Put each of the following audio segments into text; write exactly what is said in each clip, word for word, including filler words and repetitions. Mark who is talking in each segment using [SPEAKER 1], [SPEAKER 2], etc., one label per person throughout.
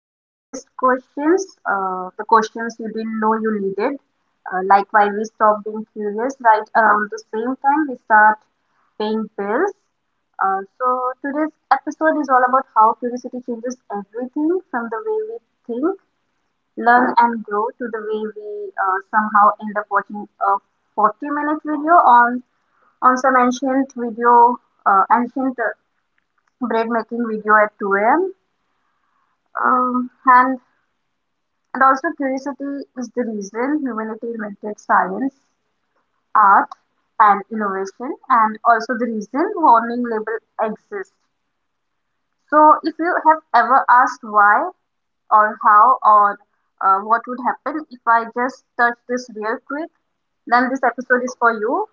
[SPEAKER 1] life's biggest questions, uh, the questions you didn't know you needed, uh, like why we stop being curious right around the same time we start paying bills. Uh, so, Today's episode is all about how curiosity changes everything from the way we think, learn, and grow to the way we uh, somehow end up watching a forty minute video on, on some ancient video, uh, ancient uh, bread making video at two a m. Um, and, and also curiosity is the reason humanity invented science, art, and innovation, and also the reason warning label exists. So if you have ever asked why or how or uh, what would happen if I just touch this real quick, then this episode is for you.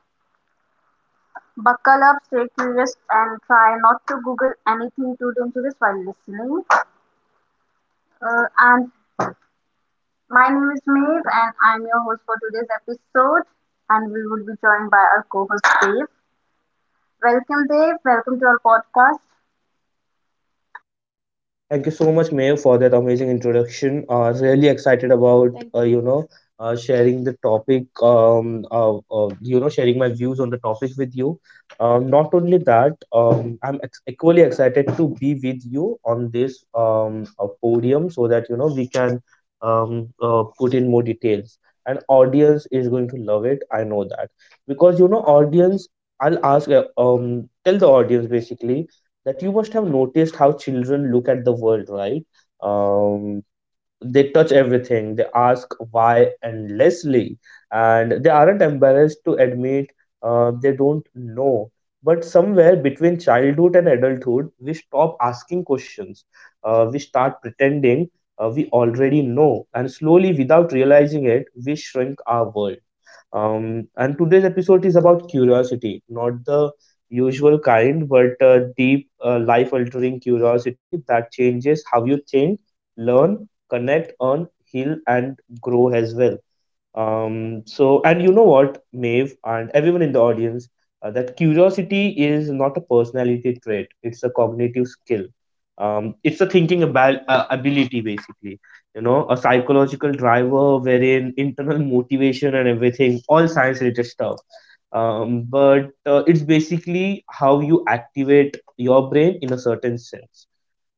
[SPEAKER 1] Buckle up, stay curious, and try not to Google anything too dangerous while listening. Uh, and My name is Maeve, and I'm your host for today's episode. And we will be joined by our co-host Dave. Welcome, Dave. Welcome to our podcast.
[SPEAKER 2] Thank you so much, Mayor, for that amazing introduction. Uh, really excited about Thank uh, you know uh, sharing the topic. Um, uh, uh, you know, sharing my views on the topic with you. Um, not only that, um, I'm ex- equally excited to be with you on this um uh, podium so that you know we can um uh, put in more details. And audience is going to love it. I know that because you know audience. I'll ask. Uh, Um, tell the audience basically that you must have noticed how children look at the world, right? Um, they touch everything, they ask why endlessly, and they aren't embarrassed to admit uh, they don't know. But somewhere between childhood and adulthood we stop asking questions. uh, we start pretending uh, we already know, and slowly without realizing it we shrink our world. um, and today's episode is about curiosity, not the usual kind, but uh, deep, uh, life altering curiosity that changes how you think, learn, connect, earn, heal, and grow as well. Um, so, and you know what, Maeve and everyone in the audience, uh, that curiosity is not a personality trait, it's a cognitive skill. Um, it's a thinking about uh, ability, basically. You know, a psychological driver wherein internal motivation and everything, all science related stuff. Um, but uh, it's basically how you activate your brain in a certain sense.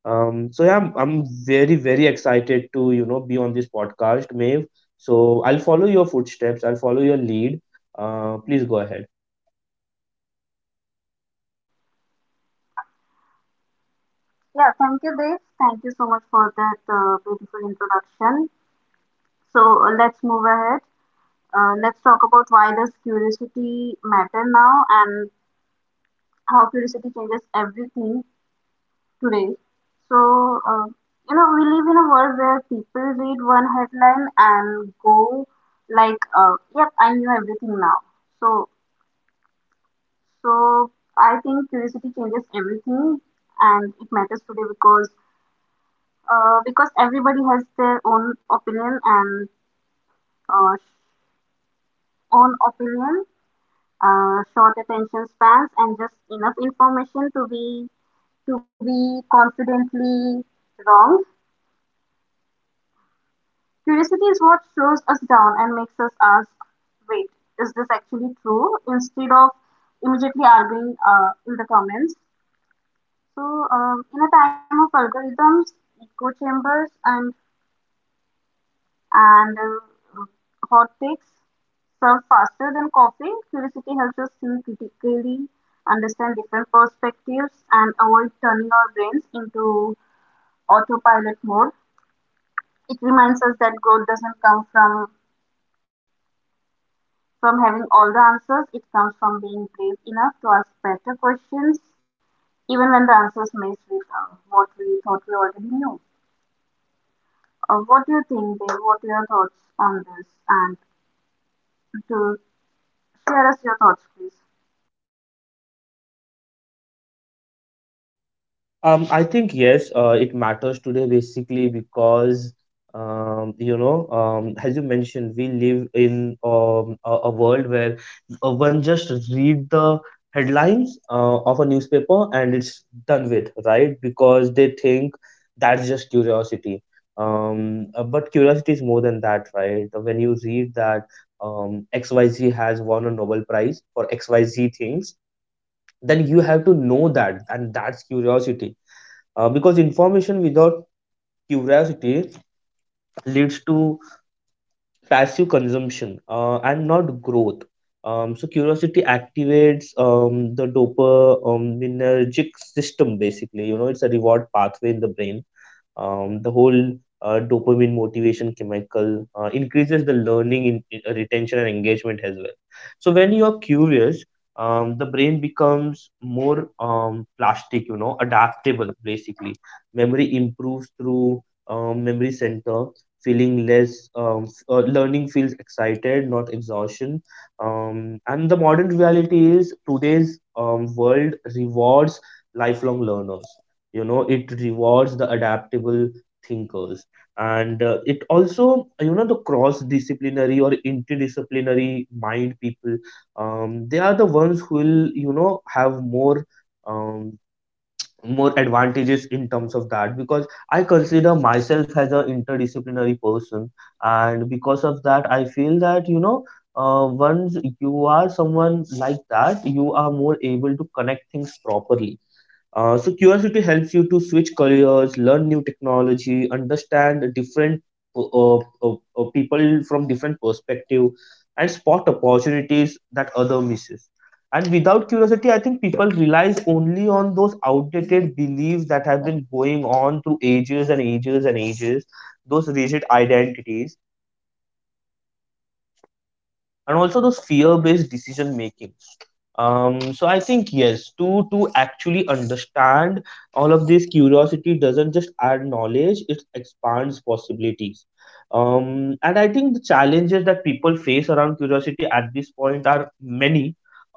[SPEAKER 2] um, so yeah, I'm, I'm very, very excited to, you know, be on this podcast, Maeve. So I'll follow your footsteps. I'll follow your lead. Uh, please go ahead.
[SPEAKER 1] Yeah, thank you, Dave. Thank you so much for that uh, beautiful introduction. So uh, let's move ahead. Uh, let's talk about why does curiosity matter now and how curiosity changes everything today. So, uh, you know, we live in a world where people read one headline and go like, uh, yep, I knew everything now. So, so I think curiosity changes everything, and it matters today because uh, because everybody has their own opinion and uh, own opinion, uh, short attention spans, and just enough information to be to be confidently wrong. Curiosity is what slows us down and makes us ask, wait, is this actually true? Instead of immediately arguing uh, in the comments. So, um, in a time of algorithms, echo chambers, and, and uh, hot takes serve faster than coffee, curiosity helps us think critically, understand different perspectives, and avoid turning our brains into autopilot mode. It reminds us that growth doesn't come from from having all the answers. It comes from being brave enough to ask better questions, even when the answers may sweep out what we thought we already knew. Uh, what do you think, Dave? What are your thoughts on this? And to share us your thoughts, please.
[SPEAKER 2] Um, I think yes, uh, it matters today basically because um, you know, um, as you mentioned, we live in um, a, a world where uh, one just read the headlines uh, of a newspaper and it's done with, right? Because they think that's just curiosity. Um, uh, but curiosity is more than that, right? When you read that um, X Y Z has won a Nobel Prize for X Y Z things, then you have to know that, and that's curiosity uh, because information without curiosity leads to passive consumption uh, and not growth. Um, so curiosity activates um, the dopaminergic system basically. You know, it's a reward pathway in the brain. um, the whole uh, dopamine motivation chemical uh, increases the learning, in, in- uh, retention, and engagement as well. So when you are curious, um, the brain becomes more um, plastic, you know, adaptable basically. Memory improves through um, memory center, feeling less, um, f- uh, learning feels excited, not exhaustion. Um, and the modern reality is today's um, world rewards lifelong learners, you know it rewards the adaptable thinkers, and uh, it also, you know the cross disciplinary or interdisciplinary mind people, um, they are the ones who will, you know have more um, more advantages in terms of that, because I consider myself as an interdisciplinary person, and because of that I feel that you know uh, once you are someone like that you are more able to connect things properly. uh, so curiosity helps you to switch careers, learn new technology, understand different uh, uh, uh, people from different perspective, and spot opportunities that other misses. And without curiosity, I think people relies only on those outdated beliefs that have been going on through ages and ages and ages, those rigid identities, and also those fear-based decision making. Um, so I think yes, to to actually understand all of this, curiosity doesn't just add knowledge, it expands possibilities. Um, and I think the challenges that people face around curiosity at this point are many,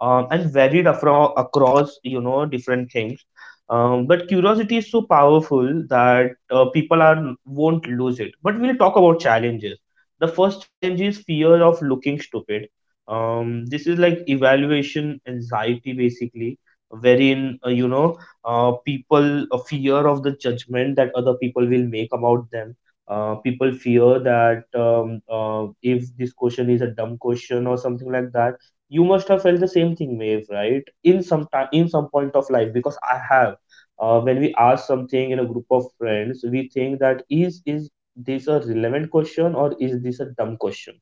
[SPEAKER 2] um, and varied afro- across, you know different things. Um, but curiosity is so powerful that uh, people are won't lose it. But we'll talk about challenges. The first challenge is fear of looking stupid. um this is like evaluation anxiety basically, wherein uh, you know uh, people uh, fear of the judgment that other people will make about them. uh, people fear that, um, uh, if this question is a dumb question or something like that. You must have felt the same thing, Maeve, right, in some time in some point of life, because I have. uh, when we ask something in a group of friends, we think that is is this a relevant question, or is this a dumb question?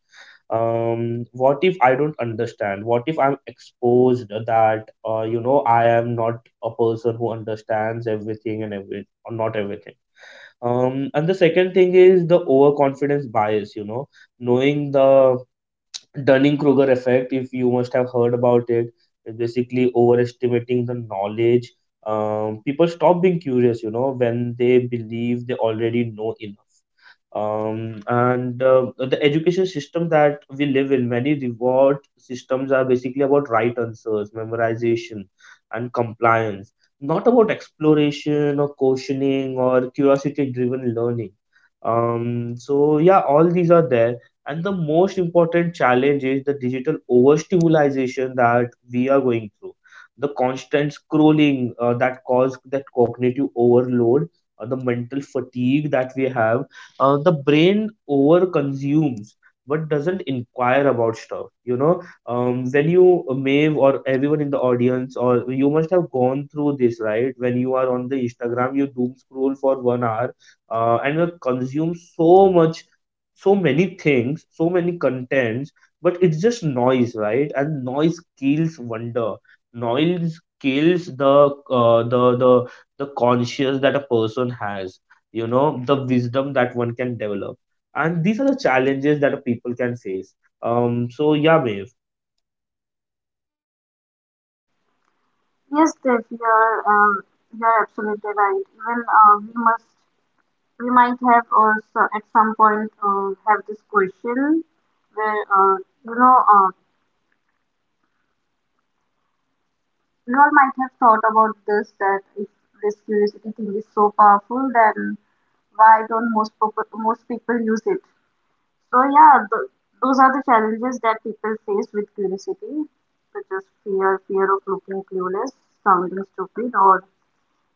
[SPEAKER 2] um what if I don't understand? What if I'm exposed that, uh, you know I am not a person who understands everything and every, or not everything. um and the second thing is the overconfidence bias, you know, knowing the Dunning-Kruger effect, if you must have heard about it, is basically overestimating the knowledge. Um, people stop being curious, you know, when they believe they already know enough. Um, and uh, the education system that we live in, many reward systems are basically about right answers, memorization, and compliance, not about exploration or questioning or curiosity-driven learning. Um, so yeah, all these are there, and the most important challenge is the digital overstimulation that we are going through. The constant scrolling, uh, that cause that cognitive overload, uh, the mental fatigue that we have, uh, the brain over consumes but doesn't inquire about stuff. You know, um, when you, uh, Maeve, or everyone in the audience, or you must have gone through this, right? When you are on the Instagram, you doom scroll for one hour, uh, and you consume so much, so many things, so many contents, but it's just noise, right? And noise kills wonder. Noise kills the uh, the the the conscience that a person has. You know, the wisdom that one can develop, and these are the challenges that a people can face. Um. So yeah, Maeve.
[SPEAKER 1] Yes, Dave, you're, um, you're absolutely right. Even uh, we must, we might have also at some point uh, have this question where, uh, you know, uh, we all might have thought about this, that if this curiosity thing is so powerful, then why don't most people, most people use it? So yeah, th- those are the challenges that people face with curiosity, such as fear, fear of looking clueless, sounding stupid, or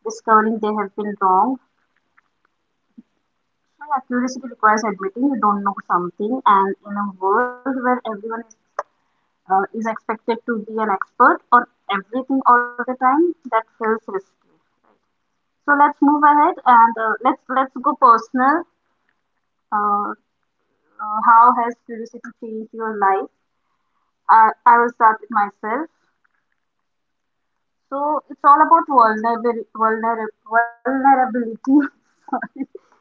[SPEAKER 1] discovering they have been wrong. So yeah, curiosity requires admitting you don't know something, and in a world where everyone is uh, is expected to be an expert on everything all the time, that feels risky. So let's move ahead, and uh, let's let's go personal. Uh, uh, how has curiosity changed your life? I, I will start with myself. So it's all about vulnerability, vulnerability, vulnerability. Sorry.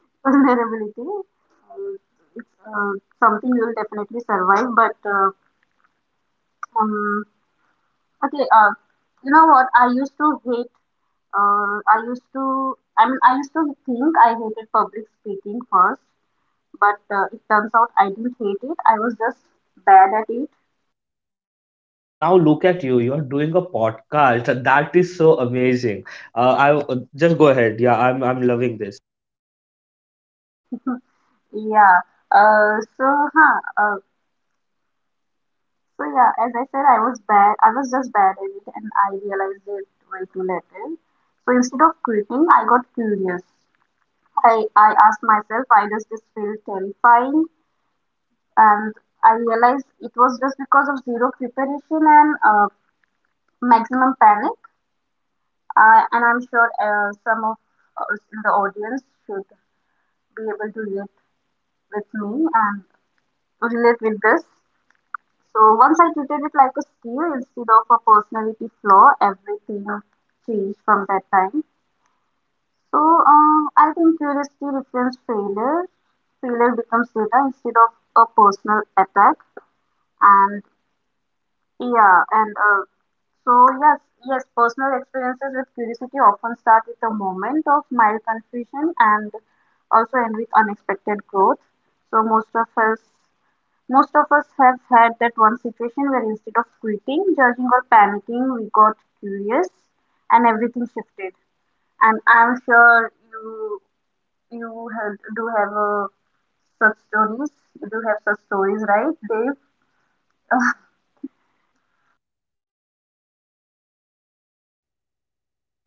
[SPEAKER 1] Vulnerability. Uh, it's uh, Something you will definitely survive. But uh, um, okay, uh, you know what? I used to hate uh, I used to, I mean, I used to think I hated public speaking first, but uh, it turns out I didn't hate it. I was just bad at it.
[SPEAKER 2] Now look at you. You are doing a podcast. That is so amazing. Uh, I uh, just go ahead. Yeah, I'm I'm loving this.
[SPEAKER 1] Yeah. Uh, so huh. Uh, so yeah, as I said, I was bad. I was just bad at it, and I realized it way too later. So instead of quitting, I got curious. I I asked myself, why does this feel terrifying, and I realized it was just because of zero preparation and uh, maximum panic. Uh, and I'm sure uh, some of us in the audience should be able to relate with me. And. Relate with this. So once I treated it like a skill instead of a personality flaw, everything changed from that time. So um, I think curiosity reframes failure. Failure becomes data instead of a personal attack. And yeah, and uh, so yes, yes, personal experiences with curiosity often start with a moment of mild confusion and also end with unexpected growth. So most of us most of us have had that one situation where instead of quitting, judging, or panicking, we got curious and everything shifted. And I'm sure you you have, do have uh, such stories. You do have such stories, right, Dave?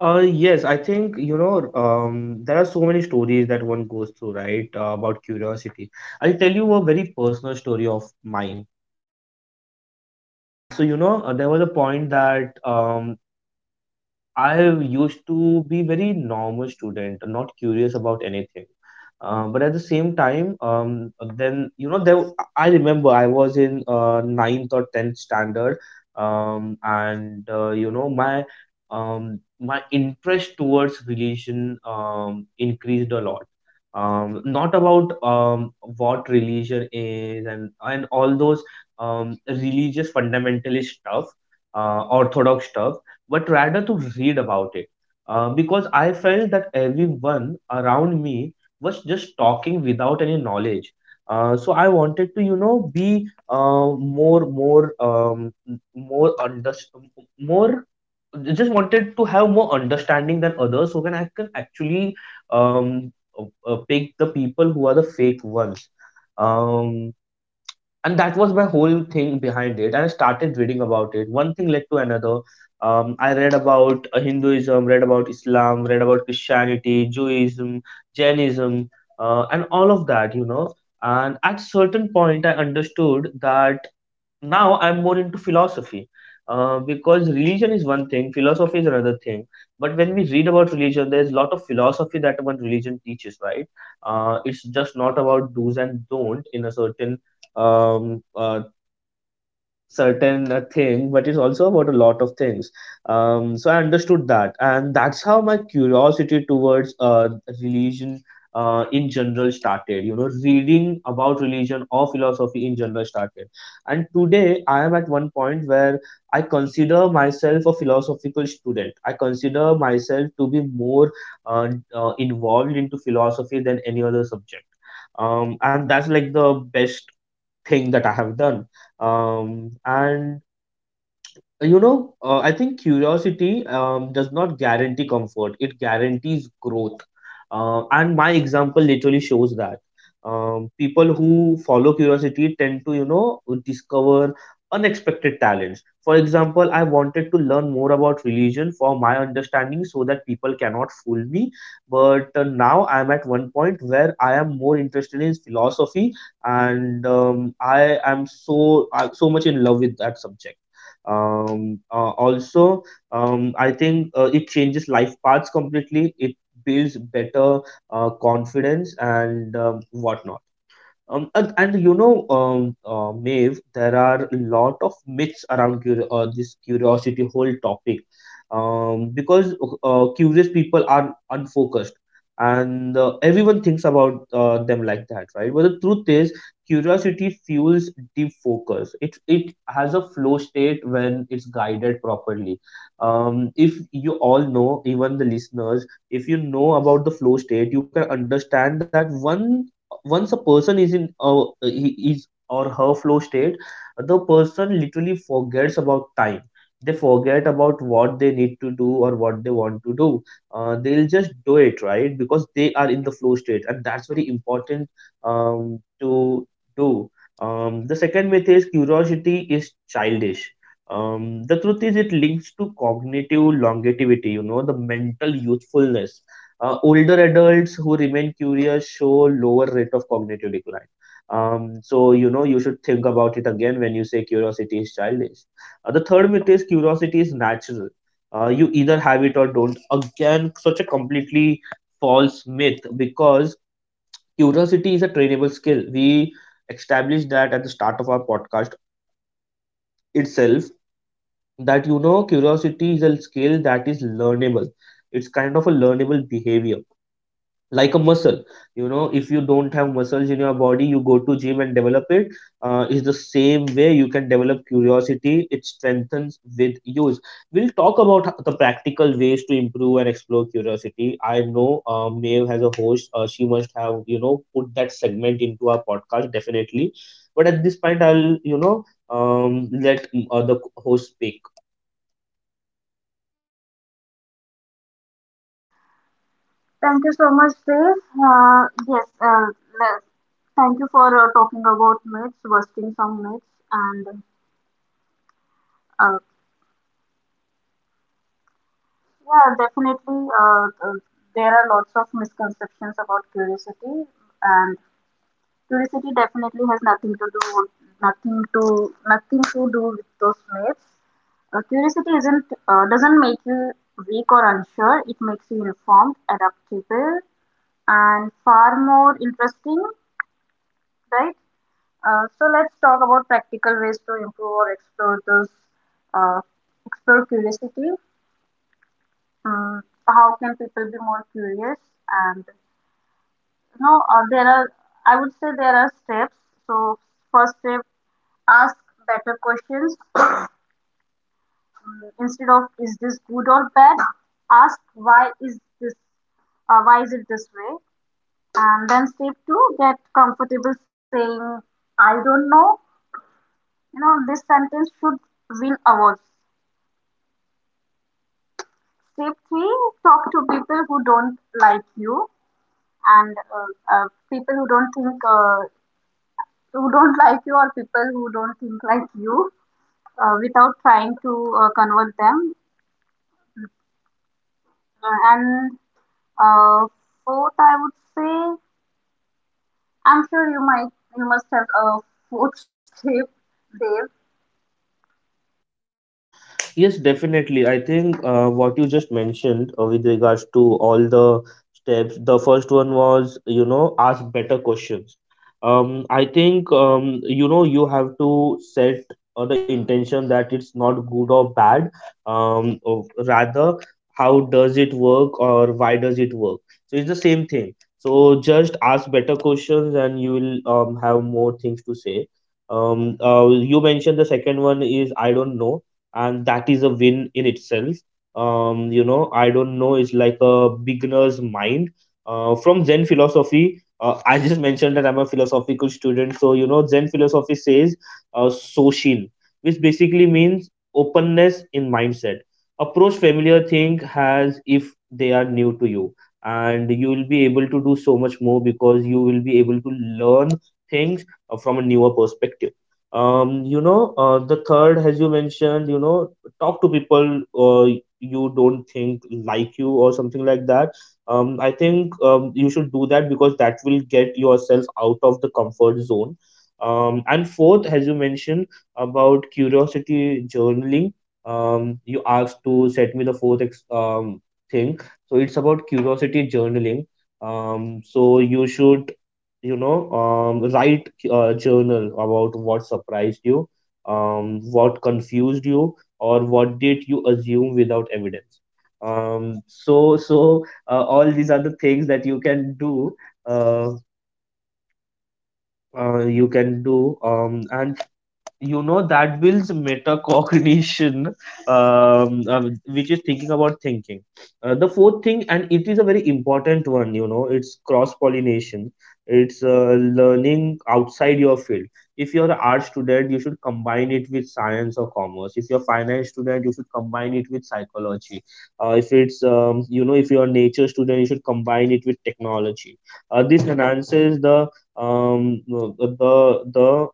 [SPEAKER 2] Uh, yes, I think you know um, there are so many stories that one goes through, right? Uh, about curiosity. I'll tell you a very personal story of mine. Um, so you know uh, there was a point that, um, I used to be very normal student, not curious about anything. Uh, but at the same time, um, then you know, there I remember I was in uh, ninth or tenth standard, um, and uh, you know my um, my interest towards religion um, increased a lot. Um, not about um, what religion is, and and all those um, religious fundamentalist stuff, uh, orthodox stuff, but rather to read about it. Uh, because I felt that everyone around me was just talking without any knowledge. Uh, so I wanted to, you know, be uh, more, more, um, m- more under, more. Just wanted to have more understanding than others, so can I can actually um, uh, uh, pick the people who are the fake ones. Um, and that was my whole thing behind it, and I started reading about it. One thing led to another. um, I read about uh, Hinduism, read about Islam, read about Christianity, Judaism, Jainism, uh, and all of that, you know, and at certain point I understood that now I'm more into philosophy, uh, because religion is one thing, philosophy is another thing, but when we read about religion there's a lot of philosophy that one religion teaches, right? uh, it's just not about do's and don't in a certain um, uh, certain uh, thing, but it's also about a lot of things. Um, so I understood that, and that's how my curiosity towards uh, religion uh, in general started. You know, reading about religion or philosophy in general started, and today I am at one point where I consider myself a philosophical student. I consider myself to be more uh, uh, involved into philosophy than any other subject. Um, and that's like the best thing that I have done. Um, and you know uh, I think curiosity um, does not guarantee comfort, it guarantees growth, uh, and my example literally shows that. um, people who follow curiosity tend to, you know discover unexpected talents. For example, I wanted to learn more about religion for my understanding so that people cannot fool me, but uh, now I am at one point where I am more interested in philosophy, and um, I am so uh, so much in love with that subject. um, uh, also, um, I think uh, it changes life paths completely. It builds better uh, confidence, and um, whatnot. um, and, and you know, um, uh, Maeve, there are a lot of myths around cur- uh, this curiosity whole topic, um, because uh, curious people are unfocused, and uh, everyone thinks about uh, them like that, right? But the truth is, curiosity fuels deep focus. It it has a flow state when it's guided properly. Um, if you all know, even the listeners, if you know about the flow state, you can understand that one once a person is in uh, he is or her flow state, the person literally forgets about time, they forget about what they need to do or what they want to do. Uh, they'll just do it, right? Because they are in the flow state, and that's very important um, to do um, The second myth is curiosity is childish. Um, the truth is it links to cognitive longevity, you know, the mental youthfulness. Uh, older adults who remain curious show lower rate of cognitive decline. Um, so, you know, you should think about it again when you say curiosity is childish. Uh, the third myth is curiosity is natural. Uh, you either have it or don't. Again, such a completely false myth, because curiosity is a trainable skill. We established that at the start of our podcast itself, that, you know, curiosity is a skill that is learnable. It's kind of a learnable behavior, like a muscle. You know, if you don't have muscles in your body, you go to gym and develop it. Uh, is the same way you can develop curiosity, it strengthens with use. We'll talk about h- the practical ways to improve and explore curiosity. I know uh, Maeve has a host, uh, she must have, you know, put that segment into our podcast, definitely. But at this point, I'll, you know, um, let mm, uh, the host speak.
[SPEAKER 1] Thank you so much, Dave. Uh, yes, uh, le- thank you for uh, talking about myths, busting some myths, and uh, yeah, definitely uh, uh, there are lots of misconceptions about curiosity, and curiosity definitely has nothing to do with nothing to nothing to do with those myths. Uh, curiosity isn't uh, doesn't make you weak or unsure. It makes you informed, adaptable, and far more interesting, right? Uh, so let's talk about practical ways to improve or explore those uh, explore curiosity. Um, how can people be more curious? And you know, uh, there are I would say there are steps. So first step, ask better questions instead of, is this good or bad? Ask, why is this uh, why is it this way? And then step two, get comfortable saying I don't know. You know, this sentence should win awards. Step three, talk to people who don't like you and uh, uh, people who don't think uh, who don't like you, or people who don't think like you uh, without trying to uh, convert them. Uh, and Uh, Fourth, I would say, I'm sure you might, you must have a fourth tip, Dave.
[SPEAKER 2] Yes, definitely. I think uh, what you just mentioned uh, with regards to all the steps, the first one was, you know, ask better questions. Um, I think, um, you know, you have to set uh, the intention that it's not good or bad. Um, or rather, how does it work or why does it work? So it's the same thing. So just ask better questions and you will um, have more things to say. Um, uh, you mentioned the second one is I don't know, and that is a win in itself. Um you know, I don't know, it's like a beginner's mind uh, from Zen philosophy. uh, I just mentioned that I'm a philosophical student, so you know, Zen philosophy says uh, soshin, which basically means openness in mindset. Approach familiar thing as if they are new to you, and you will be able to do so much more, because you will be able to learn things uh, from a newer perspective. Um you know, uh, the third, as you mentioned, you know, talk to people uh, you don't think like you or something like that. um I think, um, you should do that because that will get yourself out of the comfort zone. Um and fourth, as you mentioned, about curiosity journaling. Um you asked to set me the fourth ex- um thing. So it's about curiosity journaling. Um so you should, you know, um, write a journal about what surprised you, um, what confused you, or what did you assume without evidence. Um, so so uh, all these are the things that you can do, uh, uh, you can do, um, and you know that builds metacognition, um, um, which is thinking about thinking. Uh, the fourth thing, and it is a very important one, you know, it's cross pollination. It's uh, learning outside your field. If you're an art student, you should combine it with science or commerce. If you're a finance student, you should combine it with psychology. Uh, if it's um, you know, if you're a nature student, you should combine it with technology. Uh, this enhances the um, the the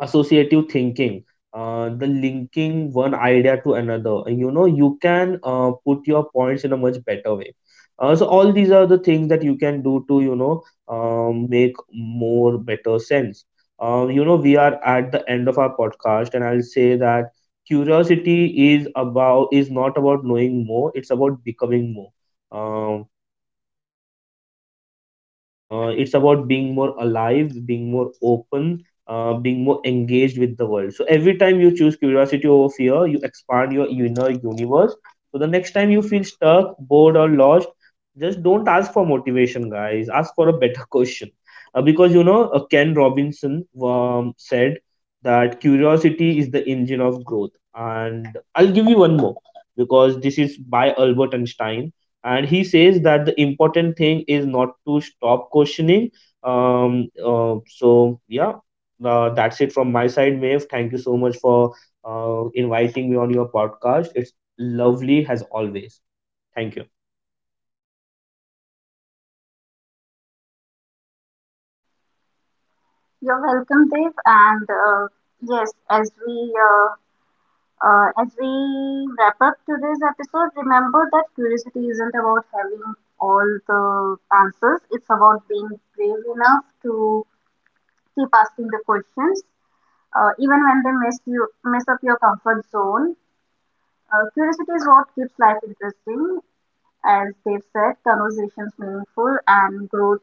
[SPEAKER 2] associative thinking, uh, the linking one idea to another. You know, you can uh, put your points in a much better way. Uh, so all these are the things that you can do to, you know, um, make more better sense. Um, you know, we are at the end of our podcast, and I'll say that curiosity is about is not about knowing more, it's about becoming more. Um, uh, it's about being more alive, being more open, uh, being more engaged with the world. So every time you choose curiosity over fear, you expand your inner universe. So the next time you feel stuck, bored, or lost, just don't ask for motivation, guys. Ask for a better question. Uh, because you know, uh, Ken Robinson um, said that curiosity is the engine of growth. And I'll give you one more, because this is by Albert Einstein, and he says that the important thing is not to stop questioning. Um uh, so yeah, uh, that's it from my side. Maeve, thank you so much for uh, inviting me on your podcast. It's lovely as always. Thank you.
[SPEAKER 1] You're welcome, Dave. And uh, yes, as we uh, uh, as we wrap up today's episode, remember that curiosity isn't about having all the answers. It's about being brave enough to keep asking the questions, uh, even when they mess you mess up your comfort zone. Uh, curiosity is what keeps life interesting, as they've said, conversations meaningful, and growth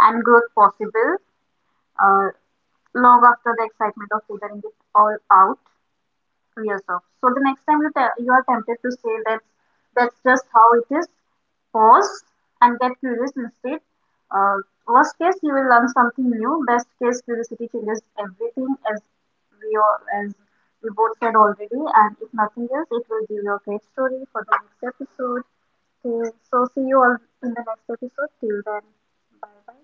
[SPEAKER 1] and growth possible uh, long after the excitement of figuring it all out wears off. So the next time you te- you are tempted to say that that's just how it is, pause and get curious instead. Uh, worst case, you will learn something new. Best case, curiosity changes everything, as we all, as we both said already. And if nothing else, it will give you a great story for the next episode. Okay, so see you all in the next episode. Till then, bye